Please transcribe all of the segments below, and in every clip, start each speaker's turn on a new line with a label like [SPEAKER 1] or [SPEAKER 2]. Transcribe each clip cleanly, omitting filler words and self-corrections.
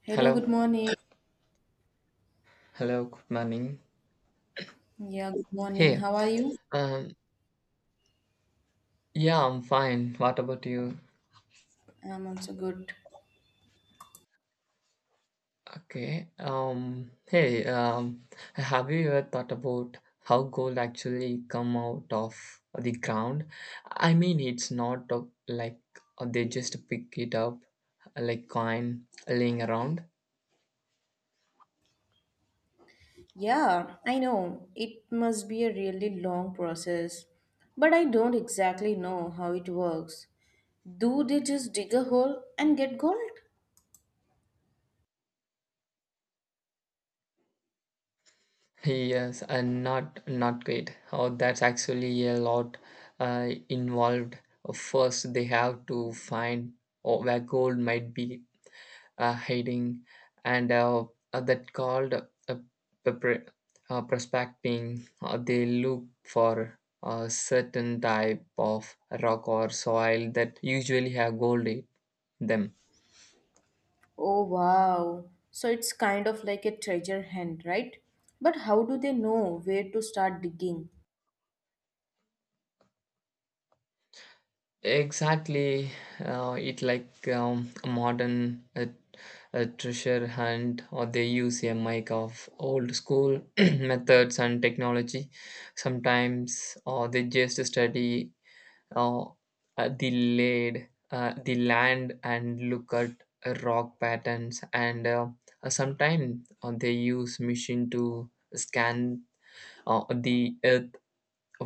[SPEAKER 1] Hello,
[SPEAKER 2] Hello,
[SPEAKER 1] good morning.
[SPEAKER 2] hello, good morning.
[SPEAKER 1] Yeah, good morning.
[SPEAKER 2] Hey,
[SPEAKER 1] How are you?
[SPEAKER 2] um, yeah, I'm fine. What about you?
[SPEAKER 1] I'm also good.
[SPEAKER 2] Okay, hey, have you ever thought about how gold actually come out of the ground? I mean, it's not like they just pick it up like coin laying around.
[SPEAKER 1] Yeah, I know. It must be a really long process, but I don't exactly know how it works. Do they just dig a hole and get gold?
[SPEAKER 2] Yes, and not great. Oh, that's actually a lot involved. First, they have to find oh, where gold might be hiding, and that called prospecting. They look for a certain type of rock or soil that usually have gold in them.
[SPEAKER 1] Oh, wow. So it's kind of like a treasure hunt, right? But how do they know where to start digging?
[SPEAKER 2] Exactly, it like a modern a treasure hunt, or they use a mic of old school methods and technology. Sometimes, or they just study uh, the laid the land and look at rock patterns, and sometimes they use machine to scan the earth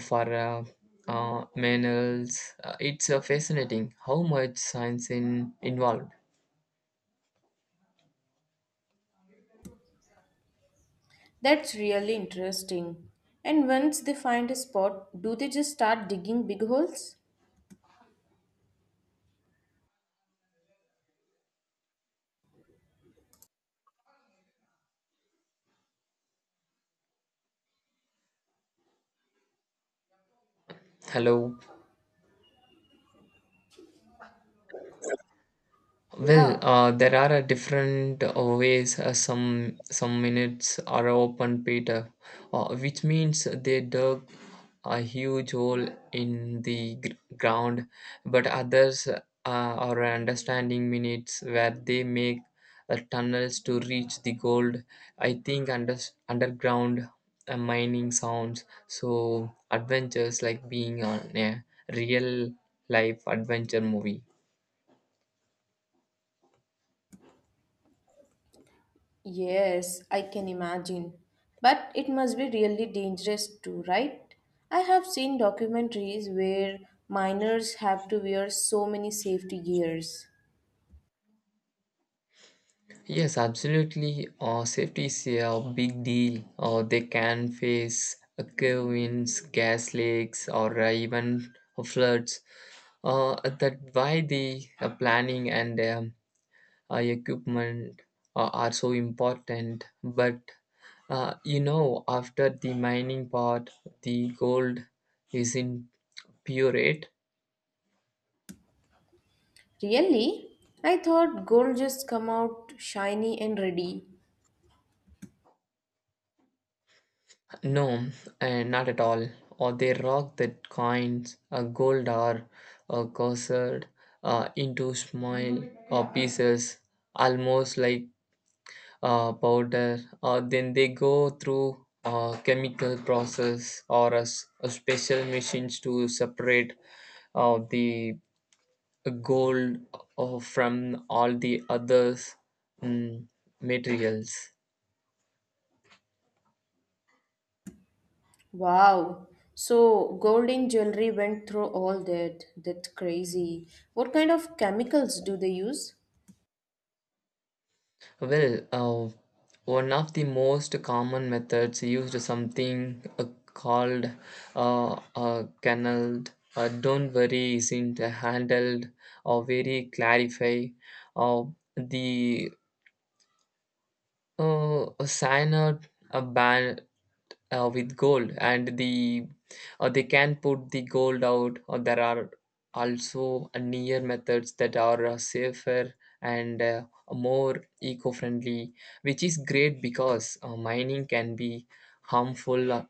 [SPEAKER 2] for manuals. It's fascinating how much science in involved.
[SPEAKER 1] That's really interesting. And once they find a spot, do they just start digging big holes?
[SPEAKER 2] Hello. Well,
[SPEAKER 1] Yeah,
[SPEAKER 2] there are different ways. Some minutes are open Peter, which means they dug a huge hole in the ground. But others are understanding minutes where they make tunnels to reach the gold. I think underground mining sounds so adventures like being on a real life adventure movie.
[SPEAKER 1] Yes, I can imagine. But it must be really dangerous too, right? I have seen documentaries where miners have to wear so many safety gears.
[SPEAKER 2] Yes, absolutely. Safety is a big deal. They can face curve winds, gas leaks, or even floods. That why the planning and equipment are so important. But you know, after the mining part, the gold is in pyrite.
[SPEAKER 1] Really? I thought gold just come out shiny and ready.
[SPEAKER 2] No, not at all. Or they rock the coins, gold or coarsed into small pieces, almost like powder. Or then they go through a chemical process or a, a special machines to separate the gold from all the others mm, materials.
[SPEAKER 1] Wow. So gold in jewelry went through all that. That's crazy. What kind of chemicals do they use?
[SPEAKER 2] Well, one of the most common methods used something called a canaled. Don't worry, isn't handled or very clarify. Or the sign out a ban with gold and the or they can put the gold out or there are also near methods that are safer and more eco-friendly, which is great because mining can be harmful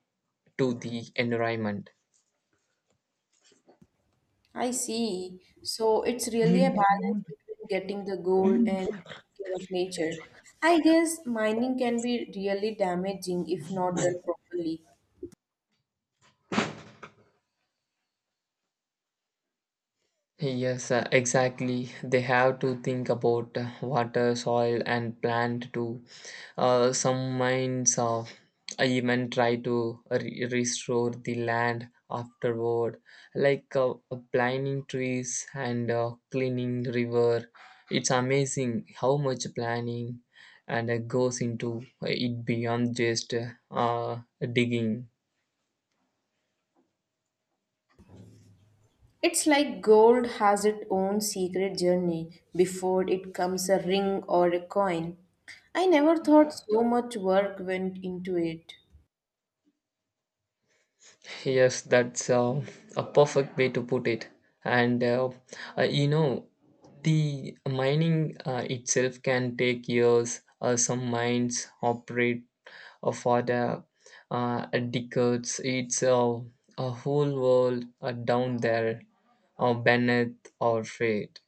[SPEAKER 2] to the environment.
[SPEAKER 1] I see. So it's really a balance between getting the gold and taking care of nature. I guess mining can be really damaging if not done properly.
[SPEAKER 2] Yes, exactly. They have to think about water, soil, and plant too. Some mines even try to restore the land afterward, like planting trees and cleaning river. It's amazing how much planning and goes into it beyond just uh, digging.
[SPEAKER 1] It's like gold has its own secret journey before it comes a ring or a coin. I never thought so much work went into it.
[SPEAKER 2] Yes, that's a perfect way to put it. And you know, the mining itself can take years. Some mines operate for the decades. It's a whole world down there, beneath our feet.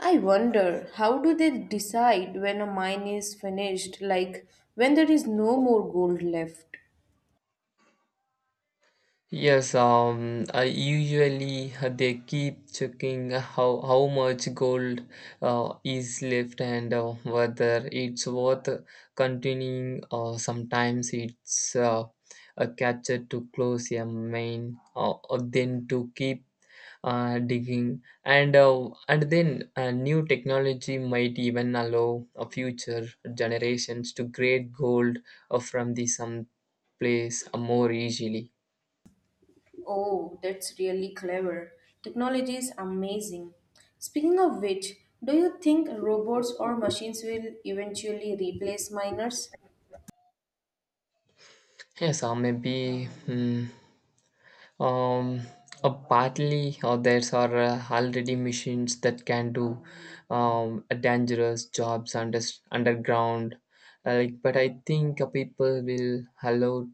[SPEAKER 1] I wonder how do they decide when a mine is finished, like when there is no more gold left?
[SPEAKER 2] Yes, I usually they keep checking how much gold is left and whether it's worth continuing. Or sometimes it's a catcher to close a mine, or then to keep digging, and then new technology might even allow future generations to grade gold from the some place more easily.
[SPEAKER 1] Oh, that's really clever. Technology is amazing. Speaking of which, do you think robots or machines will eventually replace miners?
[SPEAKER 2] Yes, or maybe um, partly or there's are already machines that can do a dangerous jobs underground. Like, but I think people will allow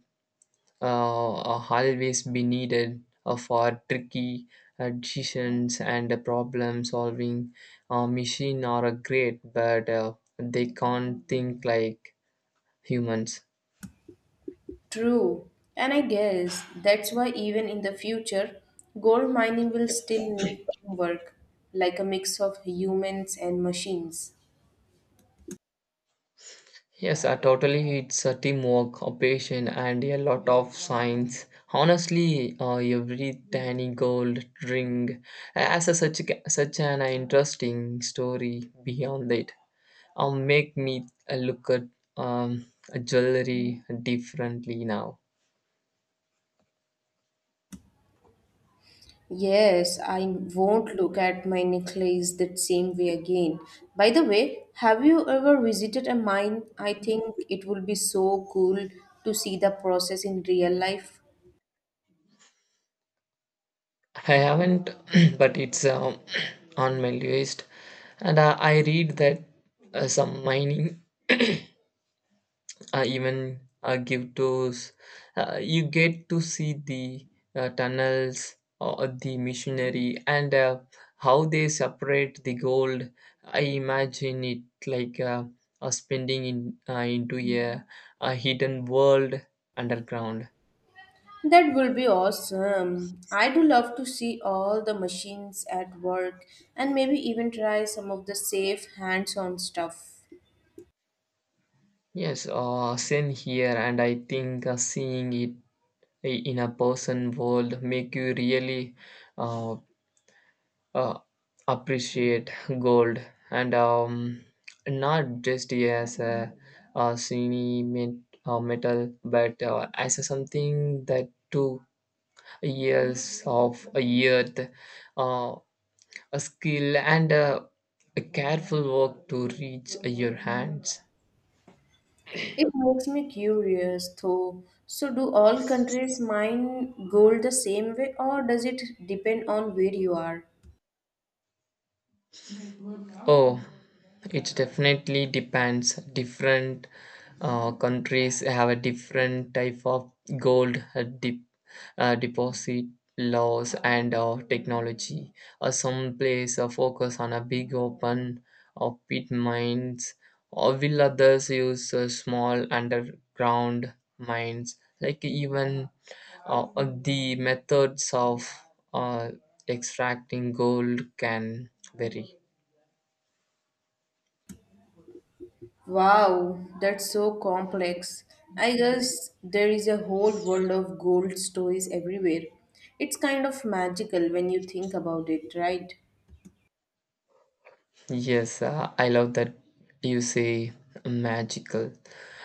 [SPEAKER 2] always be needed for tricky decisions and problem solving. Machine are great, but they can't think like humans.
[SPEAKER 1] True. And I guess that's why even in the future, gold mining will still need teamwork, like a mix of humans and machines.
[SPEAKER 2] Yes, totally. It's a teamwork, a patient, and a lot of science. Honestly, every tiny gold ring has a such an interesting story beyond it. Make me look at um, jewelry differently now.
[SPEAKER 1] Yes, I won't look at my necklace that same way again. By the way, have you ever visited a mine? I think it would be so cool to see the process in real life.
[SPEAKER 2] I haven't, but it's on my list, and I read that some mining even give tours. You get to see the tunnels or the missionary and how they separate the gold. I imagine it like spending in, into a hidden world underground.
[SPEAKER 1] That will be awesome. I do love to see all the machines at work and maybe even try some of the safe hands-on stuff.
[SPEAKER 2] Yes, same here, and I think seeing it in a person world make you really uh, uh, appreciate gold and not just as a shiny metal but as a something that took years of a year uh, a skill and a careful work to reach your hands.
[SPEAKER 1] It makes me curious though. So, do all countries mine gold the same way, or does it depend on where you are?
[SPEAKER 2] Oh, it definitely depends. Different countries have a different type of gold deposit laws and technology. Some place focus on a big open pit mines, or will others use small underground mines? Like even the methods of uh, extracting gold can vary.
[SPEAKER 1] Wow, that's so complex. I guess there is a whole world of gold stories everywhere. It's kind of magical when you think about it, right?
[SPEAKER 2] Yes, I love that you say magical.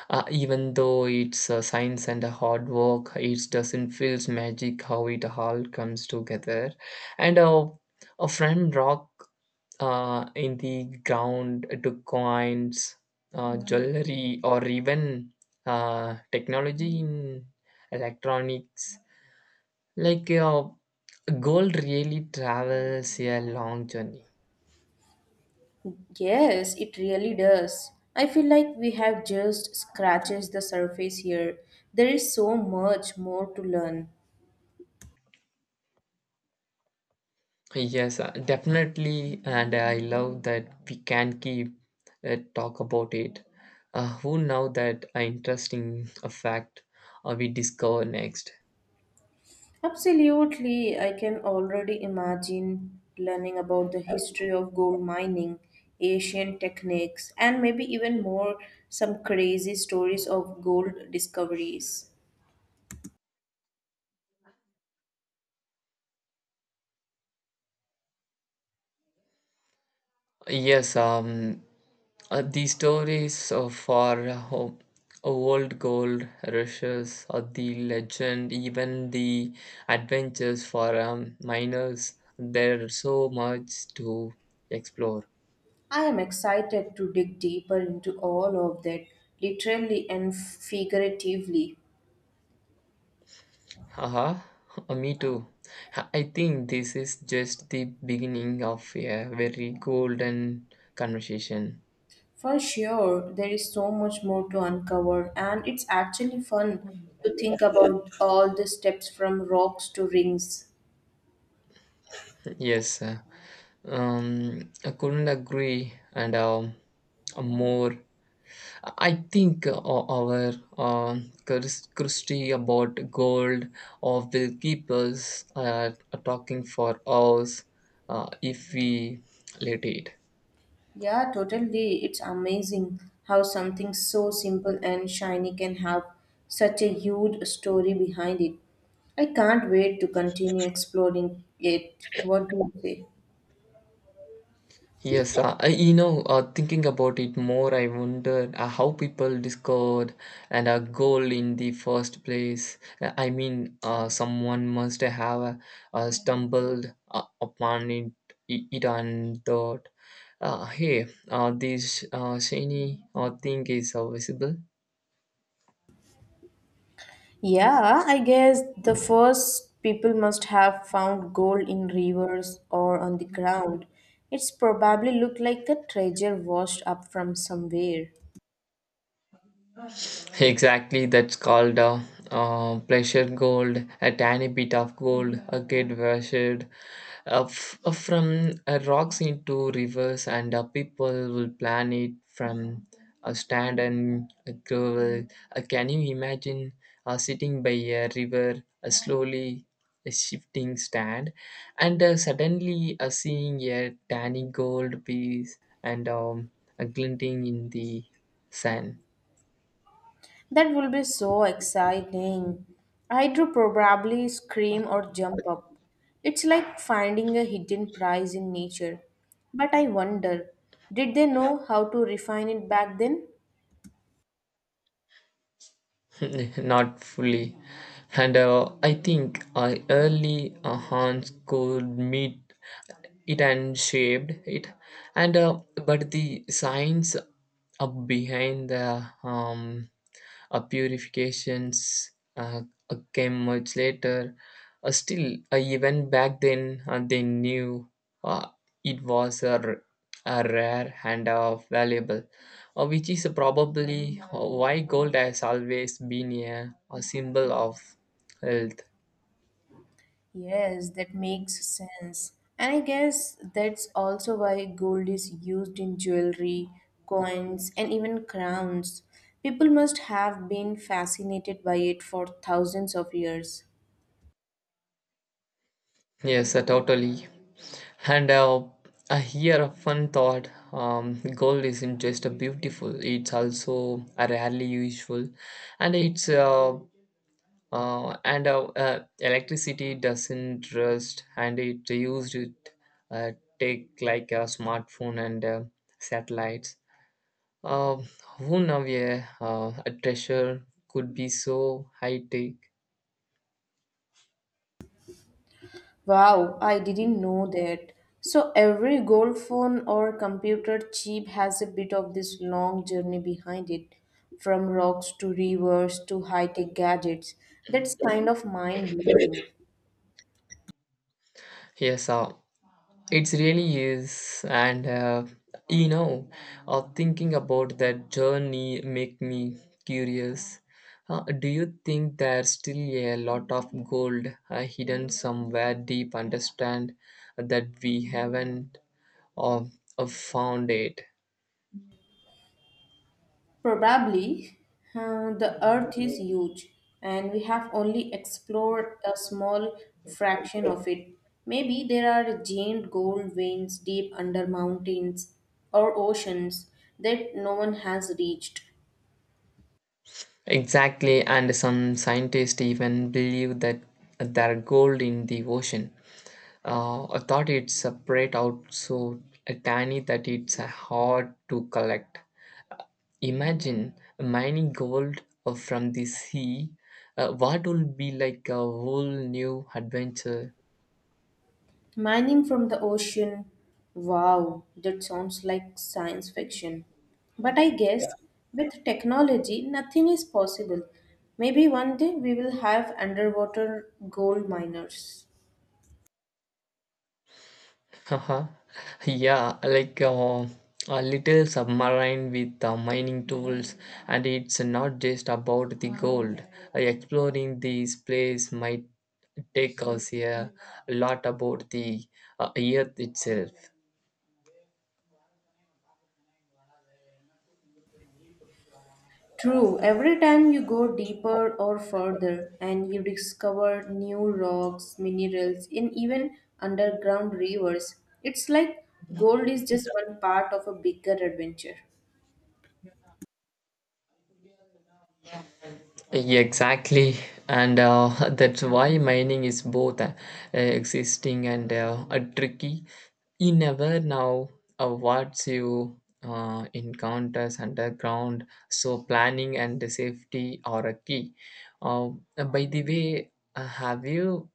[SPEAKER 2] Even though it's science and a hard work, it doesn't feel magic how it all comes together. And a friend rock in the ground to coins, jewelry, or even technology in electronics. Like gold really travels a long journey.
[SPEAKER 1] Yes, it really does. I feel like we have just scratched the surface here. There is so much more to learn.
[SPEAKER 2] Yes, definitely, and I love that we can keep talk about it. Who know that interesting fact we discover next?
[SPEAKER 1] Absolutely, I can already imagine learning about the history of gold mining, ancient techniques, and maybe even more some crazy stories of gold discoveries.
[SPEAKER 2] Yes, the stories of our old gold rushes, or the legend, even the adventures for miners. There's so much to explore.
[SPEAKER 1] I am excited to dig deeper into all of that, literally and figuratively.
[SPEAKER 2] Haha, me too. I think this is just the beginning of a very golden conversation.
[SPEAKER 1] For sure, there is so much more to uncover, and it's actually fun to think about all the steps from rocks to rings.
[SPEAKER 2] Yes, I couldn't agree, and more. I think our uh, Christie about gold or will keep us talking for hours if we let it.
[SPEAKER 1] Yeah, totally. It's amazing how something so simple and shiny can have such a huge story behind it. I can't wait to continue exploring it. What do you say?
[SPEAKER 2] Yes, you know, thinking about it more, I wonder how people discovered and a goal in the first place. I mean, someone must have stumbled upon it, it and thought, hey, this shiny thing is visible.
[SPEAKER 1] Yeah, I guess the first people must have found gold in rivers or on the ground. It's probably looked like the treasure washed up from somewhere.
[SPEAKER 2] Exactly, that's called pleasure gold, a tiny bit of gold, a get washed from rocks into rivers, and people will plan it from a stand and a gravel. Can you imagine sitting by a river, slowly a shifting stand, and suddenly seeing a tiny gold piece and a glinting in the sun?
[SPEAKER 1] That will be so exciting. I'd probably scream or jump up. It's like finding a hidden prize in nature. But I wonder, did they know how to refine it back then?
[SPEAKER 2] Not fully. And I think I early Hans could meet it and shaped it and but the science behind the purifications came much later still even back then they knew uh, it was a, a rare and valuable which is probably why gold has always been a symbol of health.
[SPEAKER 1] Yes, that makes sense. And I guess that's also why gold is used in jewelry, coins, and even crowns. People must have been fascinated by it for thousands of years.
[SPEAKER 2] Yes, totally. And I hear a fun thought. Gold isn't just a beautiful; it's also a rarely useful, and it's and electricity doesn't rust, and it used it uh, take like a smartphone and satellites. Uh, who know? Yeah, a treasure could be so high tech.
[SPEAKER 1] Wow, I didn't know that. So every gold phone or computer chip has a bit of this long journey behind it, from rocks to rivers to high-tech gadgets. That's kind of mind-blowing.
[SPEAKER 2] Yes, it really is, and you know, thinking about that journey make me curious. Do you think there's still a lot of gold hidden somewhere deep understand that we haven't uh, found it?
[SPEAKER 1] Probably, the Earth is huge, and we have only explored a small fraction of it. Maybe there are giant gold veins deep under mountains or oceans that no one has reached.
[SPEAKER 2] Exactly, and some scientists even believe that there are gold in the ocean. I thought it's spread out so tiny that it's hard to collect. Imagine mining gold from the sea. What will be like a whole new adventure?
[SPEAKER 1] Mining from the ocean. Wow, that sounds like science fiction. But I. Yeah, guess with technology, nothing is possible. Maybe one day we will have underwater gold miners.
[SPEAKER 2] Haha. Yeah, like a little submarine with mining tools, and it's not just about the gold. Exploring this place might take us a lot about the earth itself.
[SPEAKER 1] True, every time you go deeper or further and you discover new rocks, minerals, and even underground rivers, it's like gold is just one part of a bigger adventure.
[SPEAKER 2] Yeah, exactly, and that's why mining is both existing and tricky. You never know what you encounters underground, so planning and the safety are a key. Uh, by the way, have you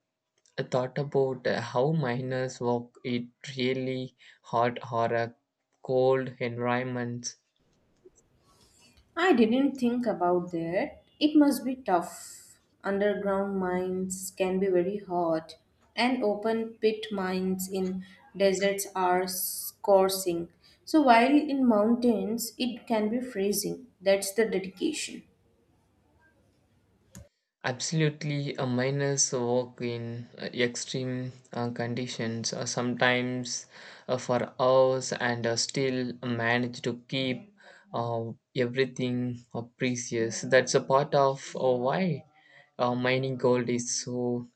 [SPEAKER 2] thought about how miners work? It really hot or a cold environments.
[SPEAKER 1] I didn't think about that. It must be tough. Underground mines can be very hot, and open pit mines in deserts are scorching. So, while in mountains, it can be freezing. That's the dedication.
[SPEAKER 2] Absolutely, a miners work in extreme conditions, sometimes for hours, and still manage to keep uh, everything precious. That's a part of why mining gold is so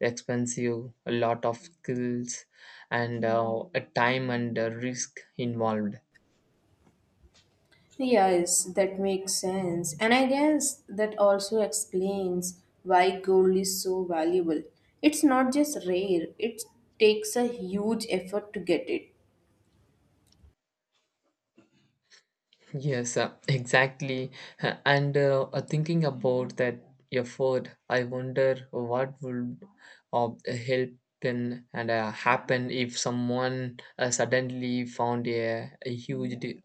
[SPEAKER 2] expensive, a lot of skills, and a time and risk involved.
[SPEAKER 1] Yes, that makes sense. And I guess that also explains why gold is so valuable. It's not just rare, it takes a huge effort to get it.
[SPEAKER 2] Yes, exactly. And thinking about that effort, I wonder what would uh, help then and happen if someone suddenly found a huge de-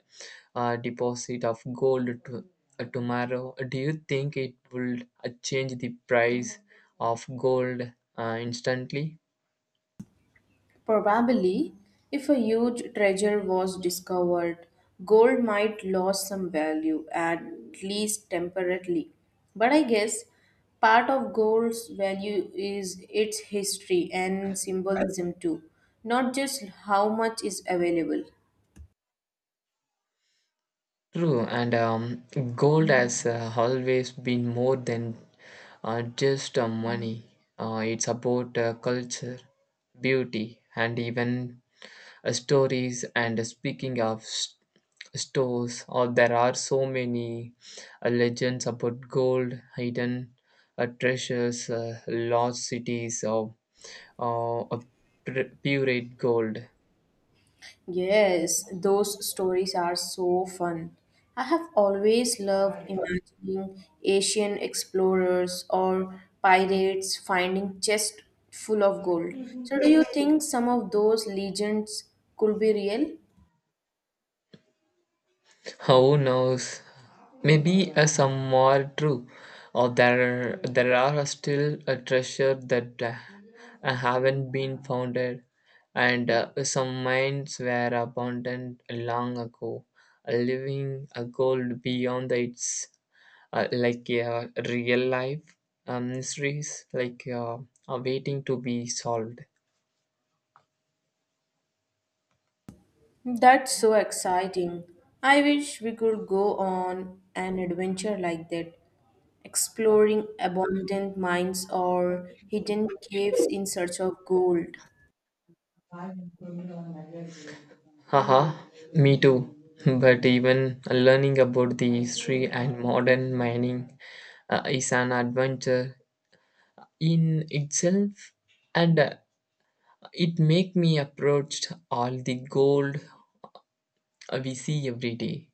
[SPEAKER 2] uh, deposit of gold to, tomorrow. Do you think it will change the price of gold instantly?
[SPEAKER 1] Probably, if a huge treasure was discovered, gold might lose some value, at least temporarily. But I guess part of gold's value is its history and symbolism too, not just how much is available.
[SPEAKER 2] True, and gold has always been more than just money. It's about culture, beauty, and even stories. And speaking of s stores, or there are so many legends about gold, hidden treasures, lost cities, or uh, uh, pure gold.
[SPEAKER 1] Yes, those stories are so fun. I have always loved imagining Asian explorers or pirates finding chests full of gold. So, do you think some of those legends could be real?
[SPEAKER 2] Who knows? Maybe some more true, or there are still a treasure that haven't been founded, and some mines were abandoned long ago, leaving a gold beyond its like real life mysteries, like are waiting to be solved.
[SPEAKER 1] That's so exciting. I wish we could go on an adventure like that, exploring abandoned mines or hidden caves in search of gold.
[SPEAKER 2] Haha, me too. But even learning about the history and modern mining is an adventure in itself, and it make me approach all the gold we see every day.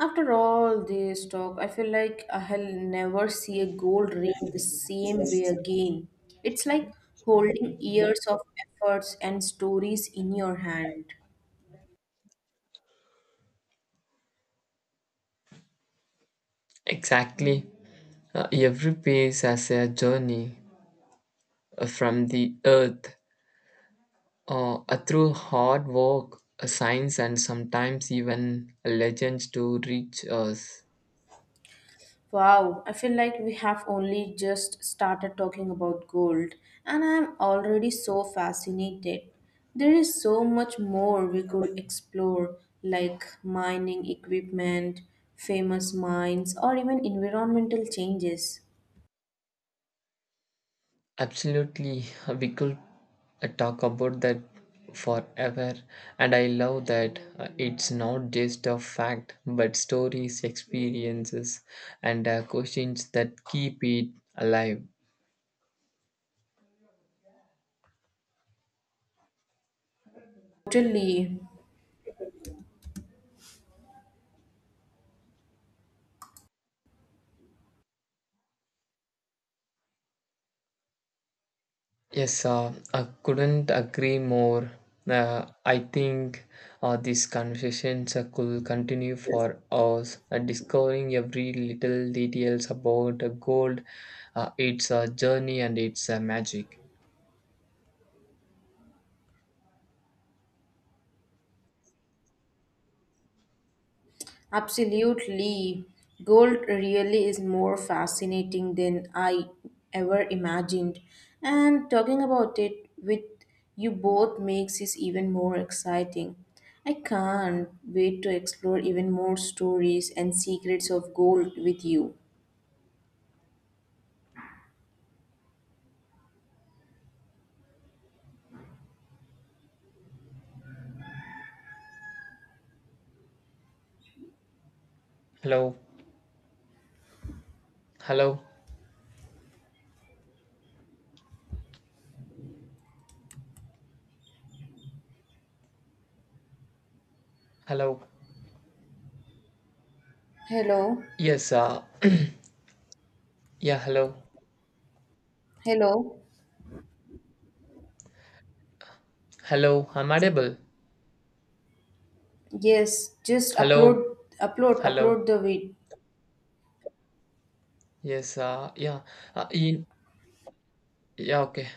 [SPEAKER 1] After all this talk, I feel like I'll never see a gold ring the same way again. It's like holding years of efforts and stories in your hand.
[SPEAKER 2] Exactly, every piece has a journey from the earth through hard work, science, and sometimes even legends to reach us.
[SPEAKER 1] Wow, I feel like we have only just started talking about gold, and I'm already so fascinated. There is so much more we could explore, like mining equipment, famous mines, or even environmental changes.
[SPEAKER 2] Absolutely, we could talk about that forever, and I love that it's not just a fact but stories, experiences, and questions that keep it alive.
[SPEAKER 1] Totally.
[SPEAKER 2] Yes, I couldn't agree more. I think these conversations could continue for hours, discovering every little details about gold, its journey, and its magic.
[SPEAKER 1] Absolutely. Gold really is more fascinating than I ever imagined. And talking about it with you both makes it even more exciting. I can't wait to explore even more stories and secrets of gold with you.
[SPEAKER 2] Hello. Hello, hello.
[SPEAKER 1] Hello.
[SPEAKER 2] Yes, yeah, hello,
[SPEAKER 1] Hello.
[SPEAKER 2] hello. I'm audible.
[SPEAKER 1] Yes, just
[SPEAKER 2] Hello,
[SPEAKER 1] upload
[SPEAKER 2] hello.
[SPEAKER 1] upload the vid
[SPEAKER 2] Yes, yeah, uh, in, yeah, okay.